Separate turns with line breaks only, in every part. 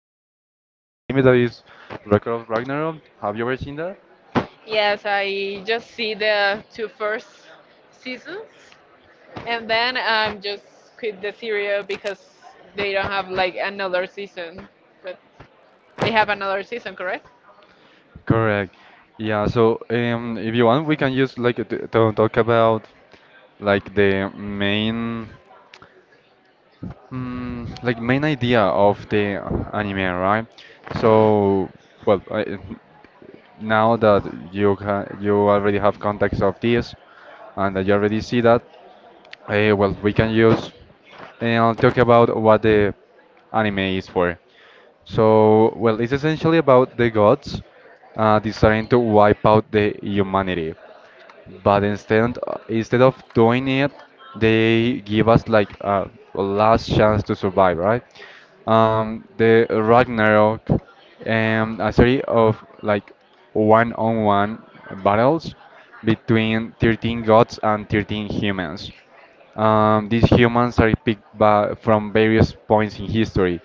this new anime that is Record of Ragnarok. Have you ever seen that? Correct. Yeah, so if you want, we can just like to talk about like the main idea of the anime, right? So, well, now that you already have context of this and that you already see that, well, we can use talk about what the anime is for. So, well, it's essentially about the gods deciding to wipe out the humanity. But instead of doing it, they give us like a last chance to survive, right? The Ragnarok, a series of like one-on-one battles between 13 gods and 13 humans. These humans are picked from various points in history,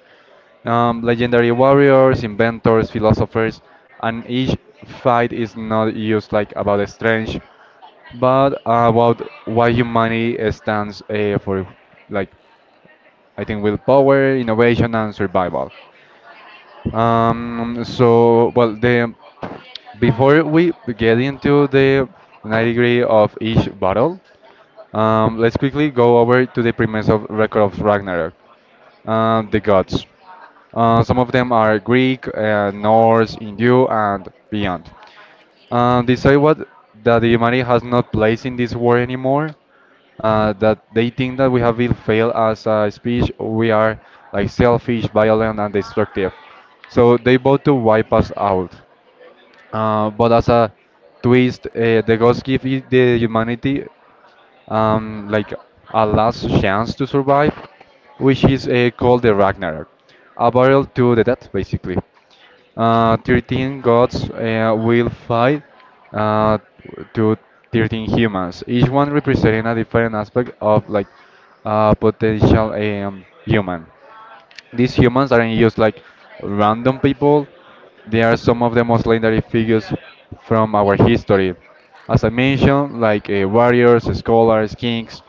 legendary warriors, inventors, philosophers, and each fight is not used like about strange, but about why humanity stands for, like, I think willpower, innovation, and survival. So well, the before we get into the 90 degree of each battle, let's quickly go over to the premise of Record of Ragnarok. The gods. Some of them are Greek, Norse, Hindu, and beyond. They say what that humanity has not place in this war anymore. That they think that we have been failed as a species. We are like selfish, violent, and destructive. So they vote to wipe us out. But as a twist, the gods give it the humanity like a last chance to survive, which is called the Ragnarok, a battle to the death, basically. 13 gods will fight uh, to 13 humans, each one representing a different aspect of like a potential human. These humans aren't just like random people, they are some of the most legendary figures from our history. As I mentioned, like, warriors, scholars, kings,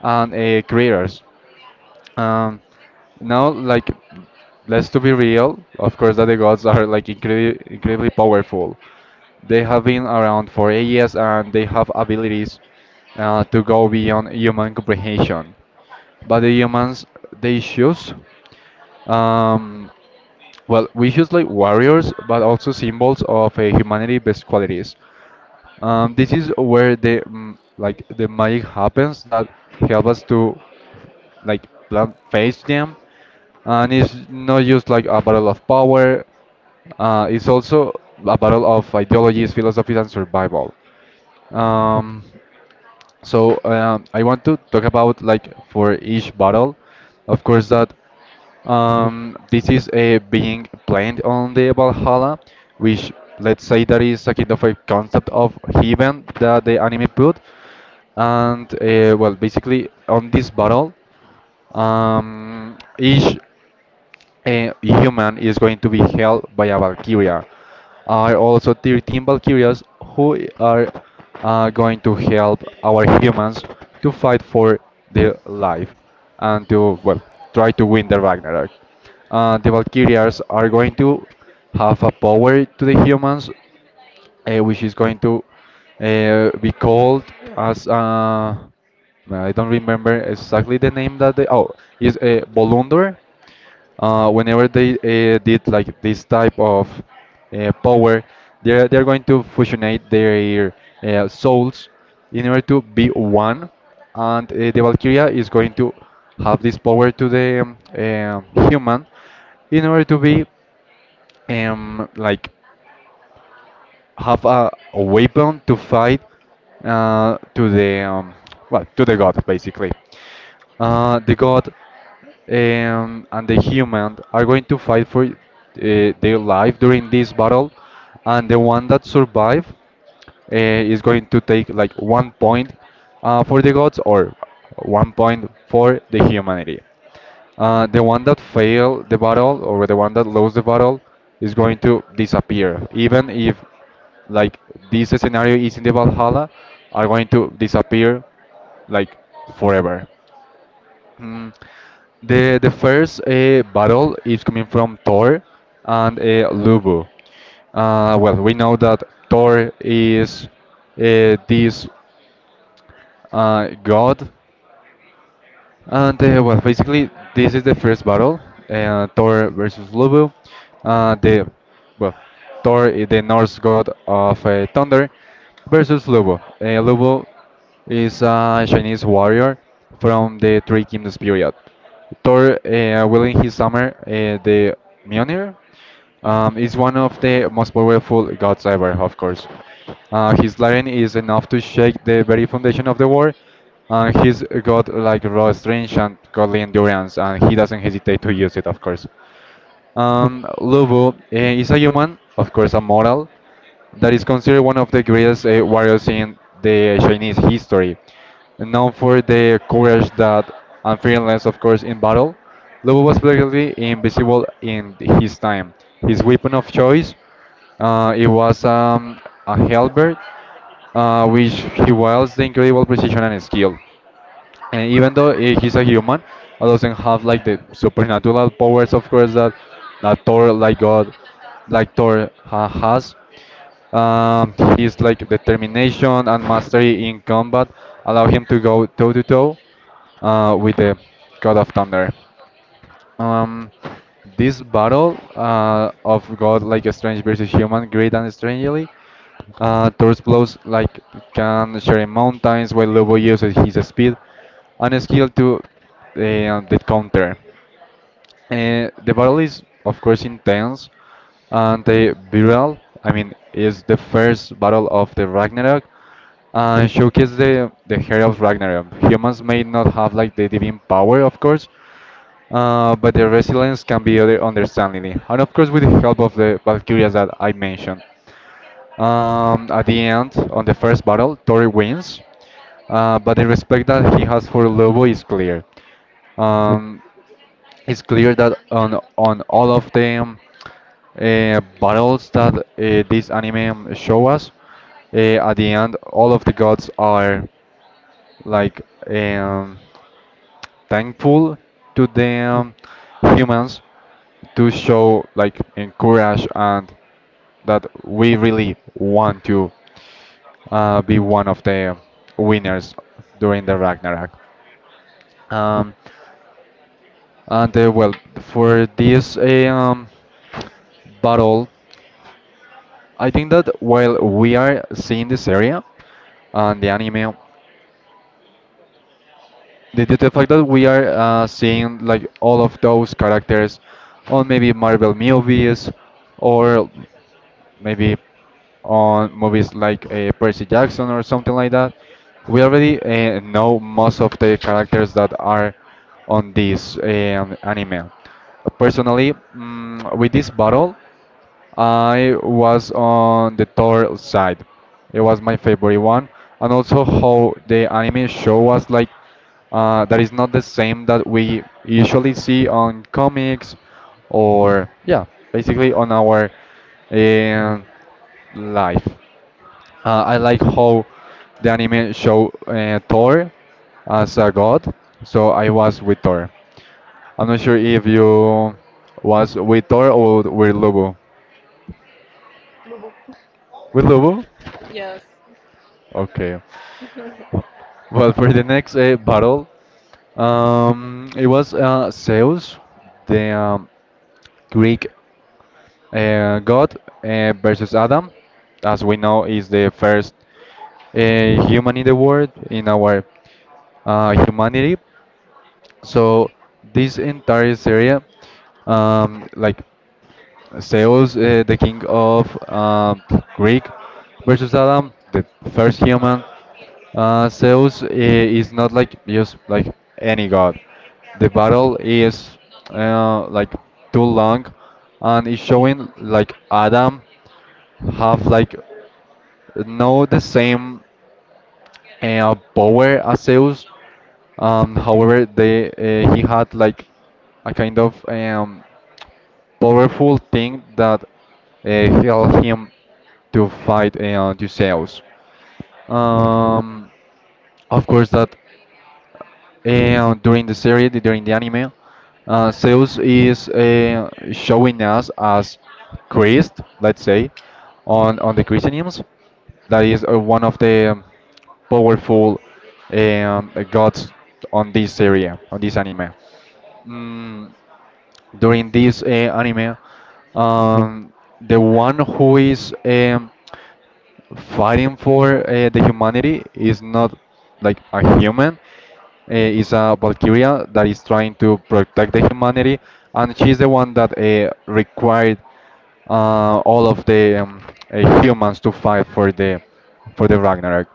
and creators. Um, Now, like, let's to be real. Of course, that the gods are like incredibly, incredibly powerful. They have been around for ages, and they have abilities to go beyond human comprehension. But the humans, they choose um, well, we use like warriors, but also symbols of humanity best qualities. This is where the mm, like the magic happens that help us to like plan face them, and it's not just like a battle of power. It's also a battle of ideologies, philosophies, and survival. Um, so I want to talk about, like, for each battle, of course that. This is being planned on the Valhalla, which, let's say, that is a kind of a concept of heaven that the anime put. And well, basically on this battle, each a human is going to be held by a Valkyria. Are also 13 Valkyrias who are going to help our humans to fight for their life and to, well, try to win the Ragnarok. The Valkyrias are going to have a power to the humans, which is going to be called as I don't remember exactly the name that they oh is Bolundur whenever they did like this type of power, they're going to fusionate their souls in order to be one. And the Valkyria is going to have this power to the human in order to be like have a weapon to fight to the well, to the god basically. The god and the human are going to fight for their life during this battle, and the one that survive is going to take like 1 point for the gods or 1 point for the humanity. The one that fail the battle or the one that lose the battle is going to disappear, even if like this scenario is in the Valhalla, are going to disappear, like, forever. Mm. The first battle is coming from Thor and Lubu. Well, we know that Thor is this god, and well, basically, this is the first battle, Thor versus Lubu. The Well, Thor is the Norse god of thunder, versus Lubu. Lubu is a Chinese warrior from the Three Kingdoms period. Thor, wielding his hammer, the Mjolnir, is one of the most powerful gods ever, of course. His Laren is enough to shake the very foundation of the war, and he's got like raw strength and godly endurance, and he doesn't hesitate to use it, of course. Lobo is a human, of course, a mortal, that is considered one of the greatest warriors in the Chinese history. Known for the courage that and fearlessness, of course, in battle, Lobo was practically invisible in his time. His weapon of choice, it was a halberd, which he wields the incredible precision and skill. And even though he's a human, he doesn't have like the supernatural powers, of course, that Thor, like God, like Thor ha has. His, like, determination and mastery in combat allow him to go toe to toe with the God of Thunder. Um, this battle of God, like strange versus human, great and strangely, Thor's blows like can shatter mountains, while Lobo uses his speed and skill to the counter. The battle is, of course, intense and brutal. I mean, is the first battle of the Ragnarok and showcases the hero of Ragnarok. Humans may not have like the divine power, of course, but their resilience can be other understandingly, and of course with the help of the Valkyrias that I mentioned. At the end, on the first battle, Tori wins, but the respect that he has for Lobo is clear. Um, it's clear that on all of the battles that this anime show us. At the end, all of the gods are, like, um, thankful to the humans to show like encourage and that we really want to be one of the winners during the Ragnarok. Um, and well, for this battle, I think that while we are seeing this area and the anime, the fact that we are seeing like all of those characters on maybe Marvel movies or maybe on movies like Percy Jackson or something like that, we already know most of the characters that are on this anime. Personally, with this battle, I was on the Thor side. It was my favorite one, and also how the anime show was like. That is not the same that we usually see on comics or, yeah, basically on our um life. I like how the anime show Thor as a god, so I was with Thor. I'm not sure if you was with Thor or with Lubu. With Lubu? Okay. Well, for the next battle, it was Zeus, the Greek god, versus Adam. As we know, is the first human in the world in our humanity. So this entire area, like Zeus, the king of Greek, versus Adam, the first human. Zeus is not like just like any god. The battle is like too long, and it's showing like Adam have like no the same and Power Aseus. However, they he had like a kind of powerful thing that helped him to fight Odysseus. Um, of course, that and during the series, during the anime, Zeus is showing us as Christ, let's say, on the Christianism. That is one of the powerful gods on this area, on this anime. Mm, During this anime, um, the one who is fighting for the humanity is not like a human, is a Valkyria that is trying to protect the humanity, and she's the one that required all of the humans to fight for the Ragnarok.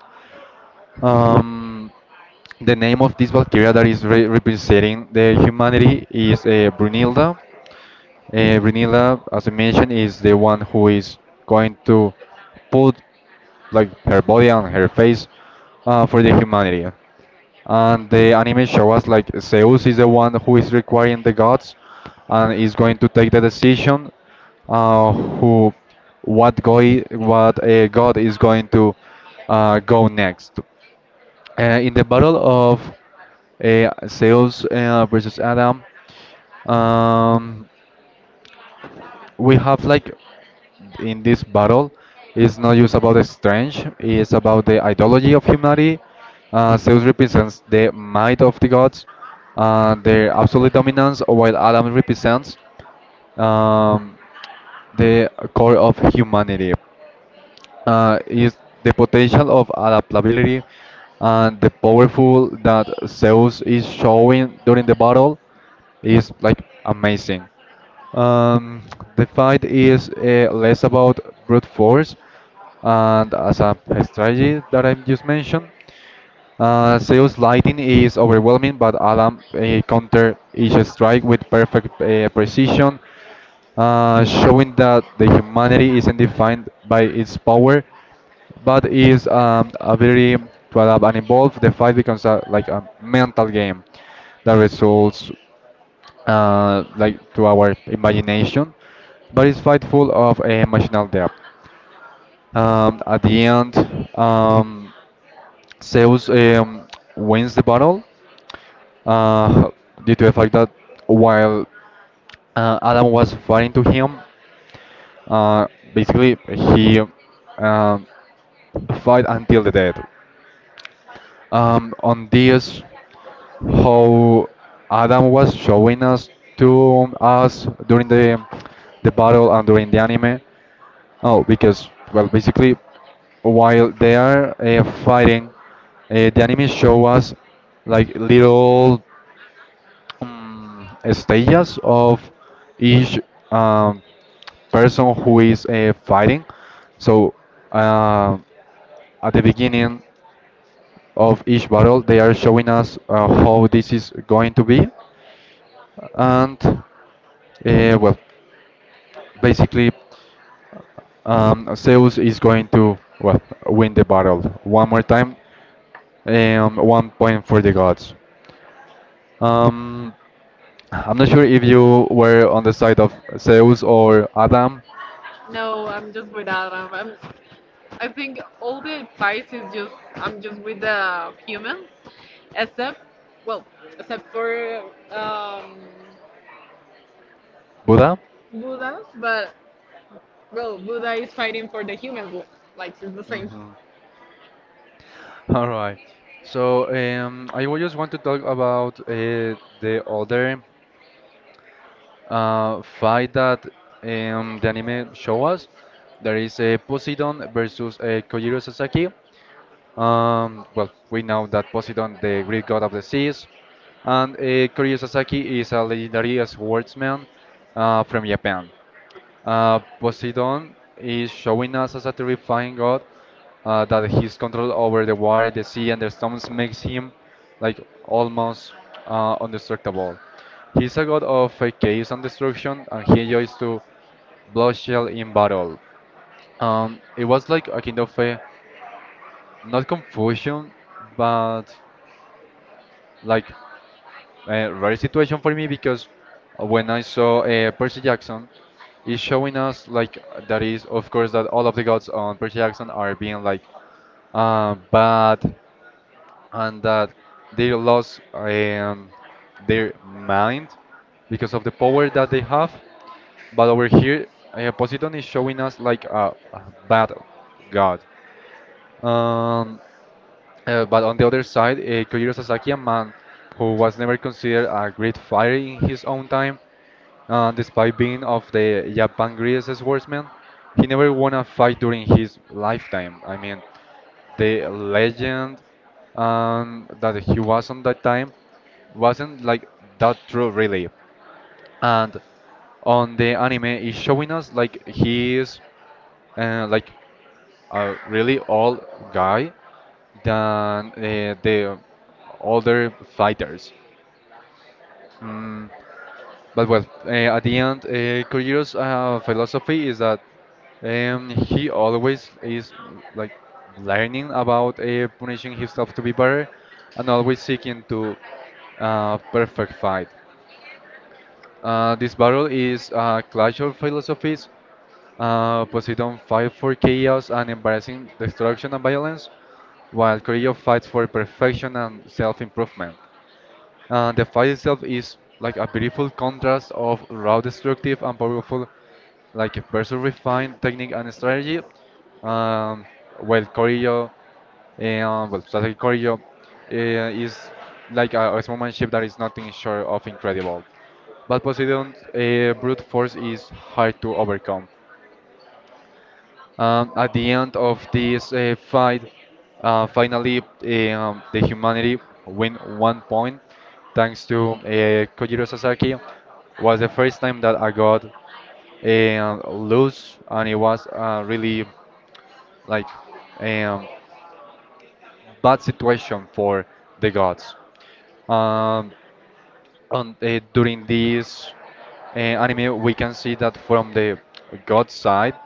Um, the name of this Valkyria that is representing the humanity is Brunilda. Renila, as I mentioned, is the one who is going to put like her body and her face for the humanity. And the anime show us like Zeus is the one who is requiring the gods and is going to take the decision who what a god is going to go next. In the battle of Zeus versus Adam, um, we have like in this battle it's not just about the strange, it's about the ideology of humanity. Zeus represents the might of the gods, their absolute dominance, while Adam represents um, the core of humanity is the potential of adaptability, and the powerful that Zeus is showing during the battle is like amazing. Um, the fight is less about brute force and as a strategy that I just mentioned. Zeus' lightning is overwhelming, but Adam countered each strike with perfect precision, showing that the humanity isn't defined by its power, but its ability to adapt and evolve. The fight becomes like a mental game that results like to our imagination, but it's fight full of emotional depth. At the end, Zeus wins the battle uh, due to the fact that while Adam was fighting to him, uh, basically he um, fight until the death. On this, how Adam was showing us to us during the battle and during the anime. Oh, because well, basically, while they are fighting, the anime show us like little stages of each um, person who is fighting. So uh, at the beginning of each battle, they are showing us how this is going to be, and well, basically Zeus is going to well win the battle one more time. 1 point for the gods. Um, I'm not sure if you were on the side of Zeus or Adam,
No, I'm just with Adam. I think all the advice is just I'm just with the humans, except well, except for um,
Buddha.
Buddhas. But well, Buddha is fighting for the humans. Like it's the same.
Mhm. All right. So I would just want to talk about the other fight that the anime show us. There is a Poseidon versus Kojiro Sasaki. Well, we know that Poseidon, the Greek god of the seas, and Koryu Sasaki is a legendary swordsman from Japan. Poseidon is showing us as a terrifying god that his control over the water, the sea, and the storms makes him like almost indestructible. He's a god of chaos and destruction, and he enjoys to bloodshed in battle. It was like a kind of a not confusion, but like a rare situation for me because when I saw Percy Jackson, it's showing us like that is of course that all of the gods on Percy Jackson are being like bad, and that they lost their mind because of the power that they have. But over here, Poseidon is showing us like a bad god. Um, but on the other side, Kojiro Sasaki, a man who was never considered a great fighter in his own time, despite being of the Japan greatest swordsman, he never won a fight during his lifetime. I mean, the legend that he was on that time wasn't like that true, really. And on the anime, is showing us like he is like a really old guy than the other fighters. Mm, but well, at the end, Kojiro's philosophy is that he always is like learning about punishing himself to be better, and always seeking to perfect fight. This battle is a clash of philosophies. Poseidon fights for chaos and embarrassing destruction and violence, while Corio fights for perfection and self-improvement. The fight itself is like a beautiful contrast of raw destructive and powerful like versus refined technique and strategy. Um, well, Corio, well, strategy Corio is like a ship that is nothing short of incredible. But Poseidon's brute force is hard to overcome. At the end of this fight, finally, the humanity win 1 point thanks to Kojiro Sasaki. Was the first time that I got lose, and it was really like eh, um, bad situation for the gods. Um, on during this anime, we can see that from the god side,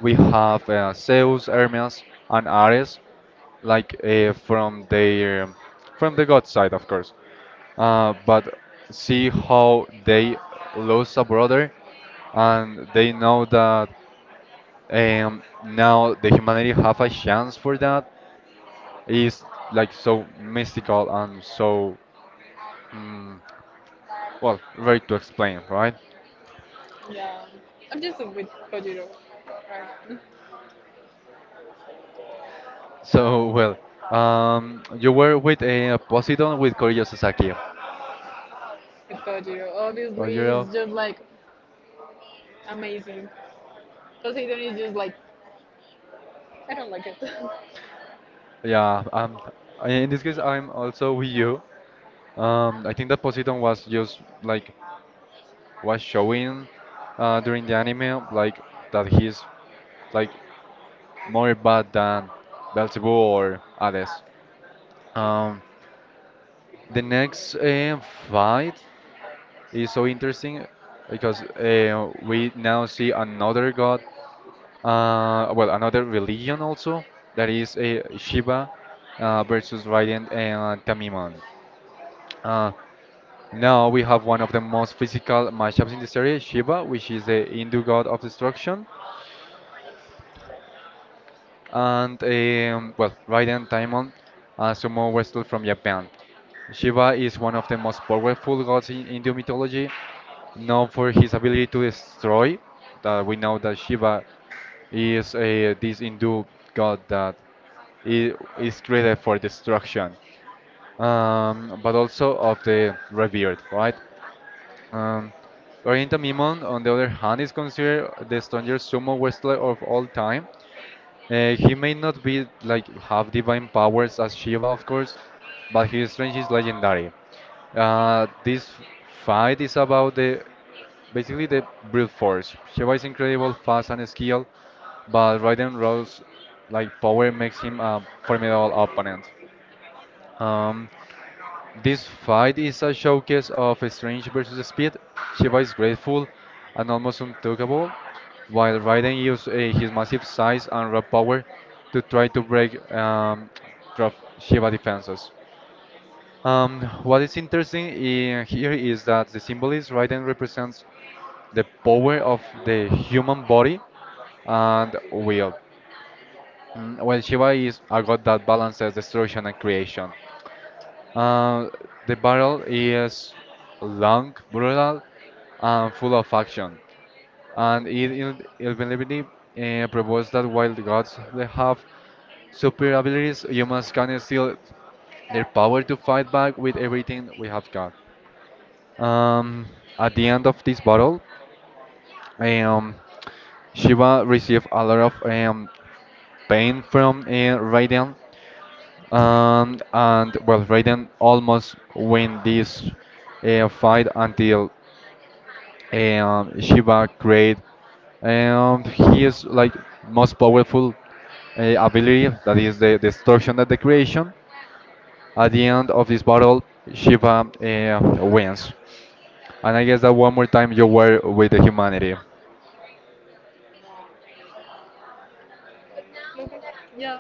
we have Zeus, Hermes, and Ares, like from the god side, of course. But see how they lost a brother, and they know that now the humanity have a chance for that is like so mystical and so mm, well, very to explain, right?
Yeah, I'm just with Kojiro. Right.
So, well, you were with a Poseidon with Koryo Sasaki.
With Kojiro, obviously,
Koryo,
it's just like amazing. Poseidon is just like I don't like it.
yeah. In this case, I'm also with you. I think that Poseidon was just like was showing during the anime, like that he's like more bad than Belzebub or Hades. Um, the next fight is so interesting because we now see another god. Well, another religion also that is Shiva versus Raiden and Tamiman. Uh, Now we have one of the most physical matchups in the series, Shiva, which is the Hindu god of destruction, and well, Raiden Tamiman, a sumo wrestler from Japan. Shiva is one of the most powerful gods in Hindu mythology, known for his ability to destroy. That we know that Shiva is this Hindu god that i- is created for destruction, but also of the revered, right? Um, Orienta Mimon, on the other hand, is considered the strongest sumo wrestler of all time. He may not be like have divine powers as Shiva, of course, but his strength is legendary. This fight is about the basically the brute force. Shiva is incredible, fast and skilled, but Raiden Rose like power makes him a formidable opponent. Um, this fight is a showcase of strength versus speed. Shiva is graceful and almost untouchable, while Raiden uses his massive size and raw power to try to break Dra- Shiva defenses. What is interesting in here is that the symbol is Raiden represents the power of the human body and will, while Shiva is a god that balances destruction and creation. Uh, the battle is long, brutal, and full of action, and it inevitably proves that while the gods they have superior abilities, humans can still their power to fight back with everything we have got. Um, at the end of this battle, um, Shiva received a lot of pain from Raiden, and well, Raiden almost win this fight until Shiva create his like most powerful ability that is the destruction and the creation. At the end of this battle, Shiva wins. And I guess that one more time you were with the humanity.
Yeah.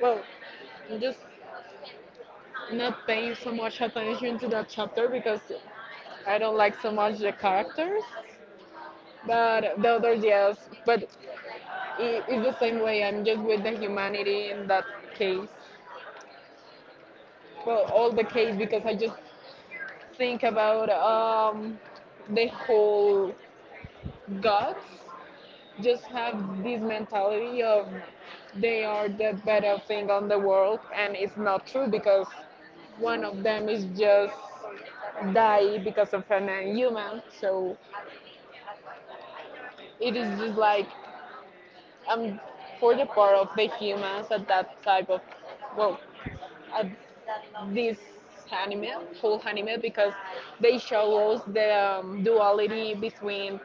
Well, just not paying so much attention to that chapter because I don't like so much the characters. But the others, yes. But it's the same way. I'm just with the humanity in that case. Well, all the case because I just think about the whole gods just have this mentality of they are the better thing on the world and it's not true because one of them is just die because of an human, so it is just like I'm for the part of the humans at that type of well, at this anime, whole anime, because they show us the duality between,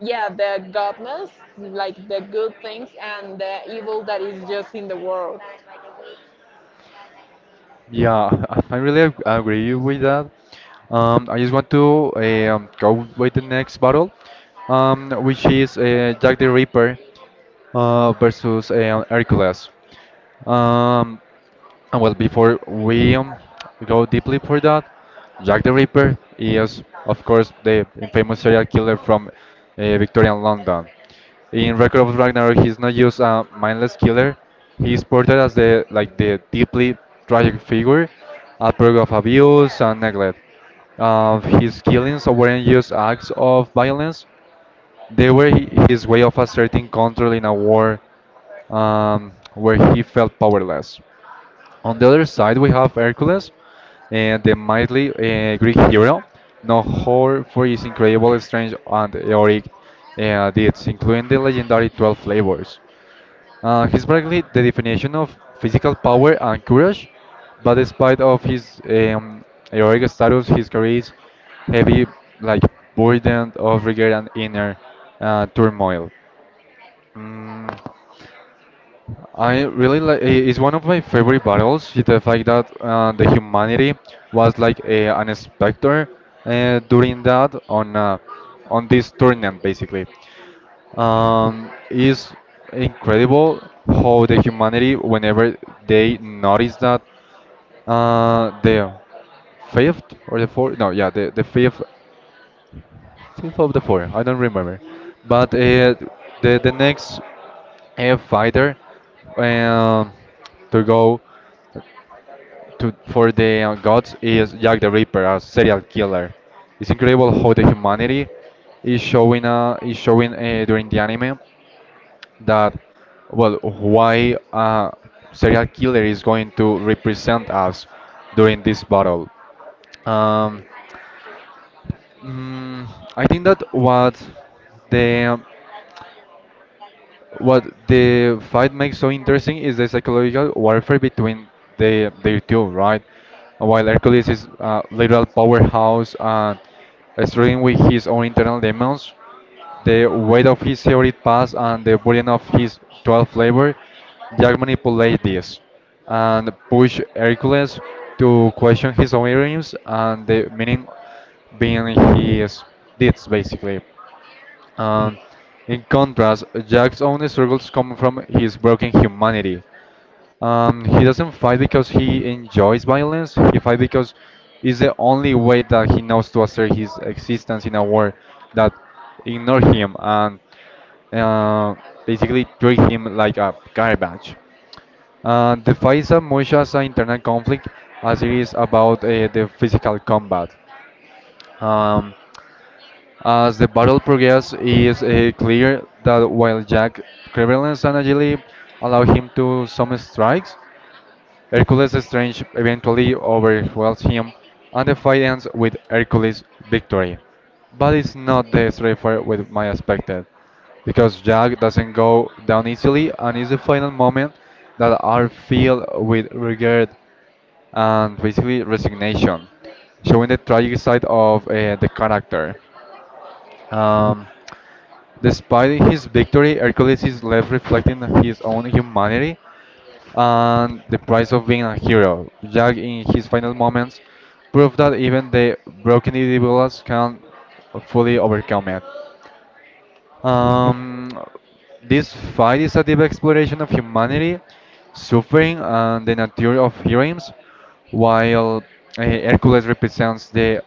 yeah, the goodness, like the good things, and the evil that is just in the world.
Yeah, I really agree with that. I just want to go with the next battle, which is Jack the Ripper versus Hercules. Um, and well, before we go deeply for that, Jack the Ripper is, of course, the infamous serial killer from Victorian London. In Record of Ragnarok, he's not just a mindless killer. He's portrayed as the like the deeply tragic figure, a product of abuse and neglect. His killings weren't just acts of violence; they were his way of asserting control in a war where he felt powerless. On the other side, we have Hercules, and the mighty Greek hero, known whore for his incredible strength and heroic deeds, including the legendary 12 labors. He's practically the definition of physical power and courage, but despite of his heroic status, his career heavy, like burden of regret and inner turmoil. Mm. I really like it's one of my favorite battles. The fact that the humanity was like an specter during that on this tournament basically. It's incredible how the humanity whenever they notice that the fifth or the fourth no yeah the fifth of the four. I don't remember. But the next fighter um, to go to for the gods is Jack the Ripper, a serial killer. It's incredible how the humanity is showing during the anime that well why a serial killer is going to represent us during this battle. Um, Mm, I think that the what the fight makes so interesting is the psychological warfare between their two, right? While Hercules is a literal powerhouse and struggling with his own internal demons, the weight of his storied past and the burden of his 12th labor, Jack manipulates this and push Hercules to question his own dreams and the meaning behind his deeds, basically. Um, in contrast, Jack's own struggles come from his broken humanity. He doesn't fight because he enjoys violence, he fights because it's the only way that he knows to assert his existence in a world that ignore him and uh, basically treat him like a garbage. The fight is as much as an internal conflict as it is about the physical combat. Um, as the battle progressed, it is clear that while Jack's cleverness and agility allow him to some strikes, Hercules Strange eventually overwhelms him, and the fight ends with Hercules' victory. But it's not the straightforward with my expected, because Jack doesn't go down easily, and it's the final moment that are filled with regret and basically resignation, showing the tragic side of the character. Um, Despite his victory, Hercules is left reflecting his own humanity and the price of being a hero. Jack, in his final moments, proved that even the broken individuals can fully overcome it. Um, this fight is a deep exploration of humanity, suffering, and the nature of heroes, while Hercules represents the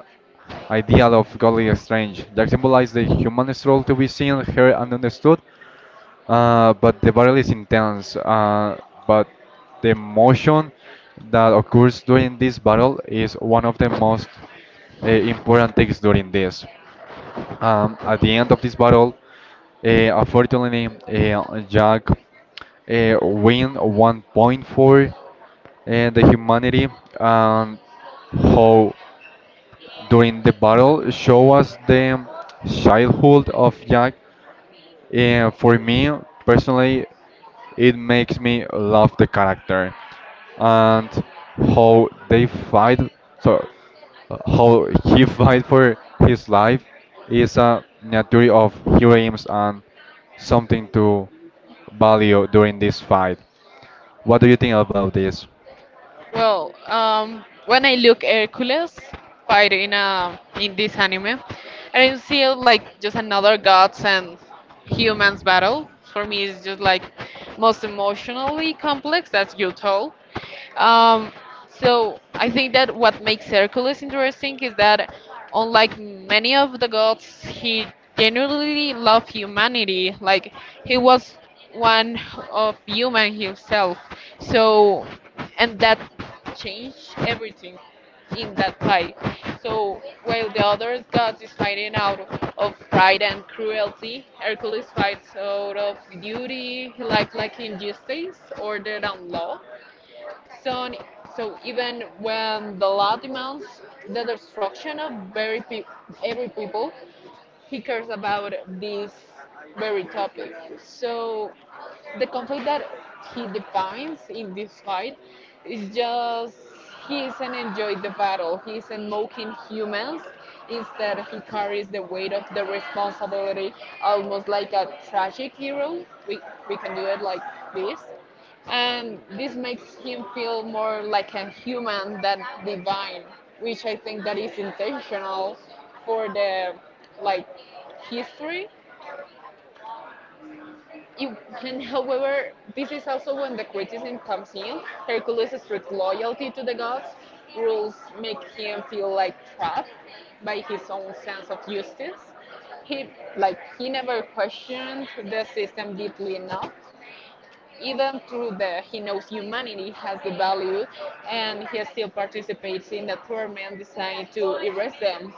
ideal of godly strength that symbolizes the human struggle to be seen, heard, and understood. But the battle is intense, but the emotion that occurs during this battle is one of the most important things during this. At the end of this battle, unfortunately, Jack win 1 point for the humanity, and how during the battle show us the childhood of Jack. And for me personally, it makes me love the character and how they fight. So how he fight for his life is a nature of heroism and something to value during this fight. What do you think about this?
Well, when I look Hercules fight in this anime, I don't see it like just another gods and humans battle. For me, it's just like most emotionally complex, as you told. Um, So I think that what makes Hercules interesting is that, unlike many of the gods, he genuinely loved humanity. Like he was one of human himself. So, and that changed everything in that fight. So while the other gods is fighting out of pride and cruelty, Hercules fights out of duty, like injustice, order and law. So, so, even when the law demands the destruction of every people, he cares about this very topic. So the conflict that he defines in this fight is just he isn't enjoying the battle. He isn't mocking humans. Instead, he carries the weight of the responsibility almost like a tragic hero. We can do it like this. And this makes him feel more like a human than divine, which I think that is intentional for the like history it, and however, this is also when the criticism comes in. Hercules' strict loyalty to the gods rules make him feel like trapped by his own sense of justice. He like he never questioned the system deeply enough even through the he knows humanity has the value and he still participates in the torment designed to erase them,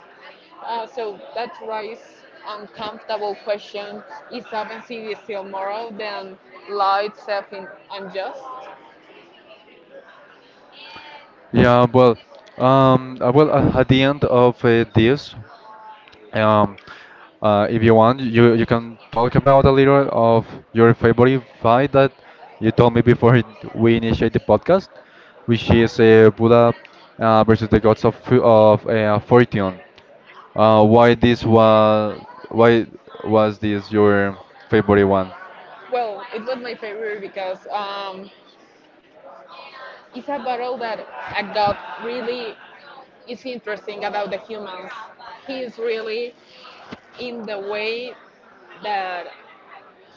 so that raises uncomfortable questions is agency still moral than law itself in unjust.
Yeah, well, well, at the end of this. Um, if you want, you can talk about a little of your favorite fight that you told me before we initiate the podcast, which is Buddha versus the gods of Fortune. Uh, why this was why was this your favorite one?
Well, it was my favorite because it's a battle that I got really is interesting about the humans. He is really in the way that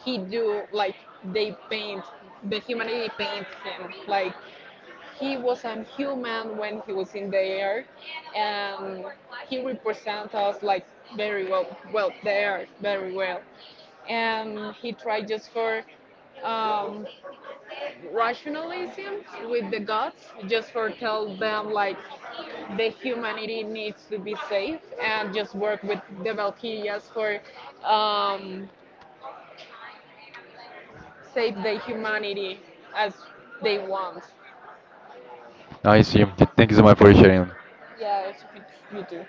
he do like they paint, the humanity paints him like he was a human when he was in the air and he represents us like very well, well the air very well, and he tried just for um, rationalism with the gods just for tell them like the humanity needs to be safe and just work with the Valkyrias for um, save the humanity as they want.
I see. Thank you so much for sharing.
Yeah, it's a you do.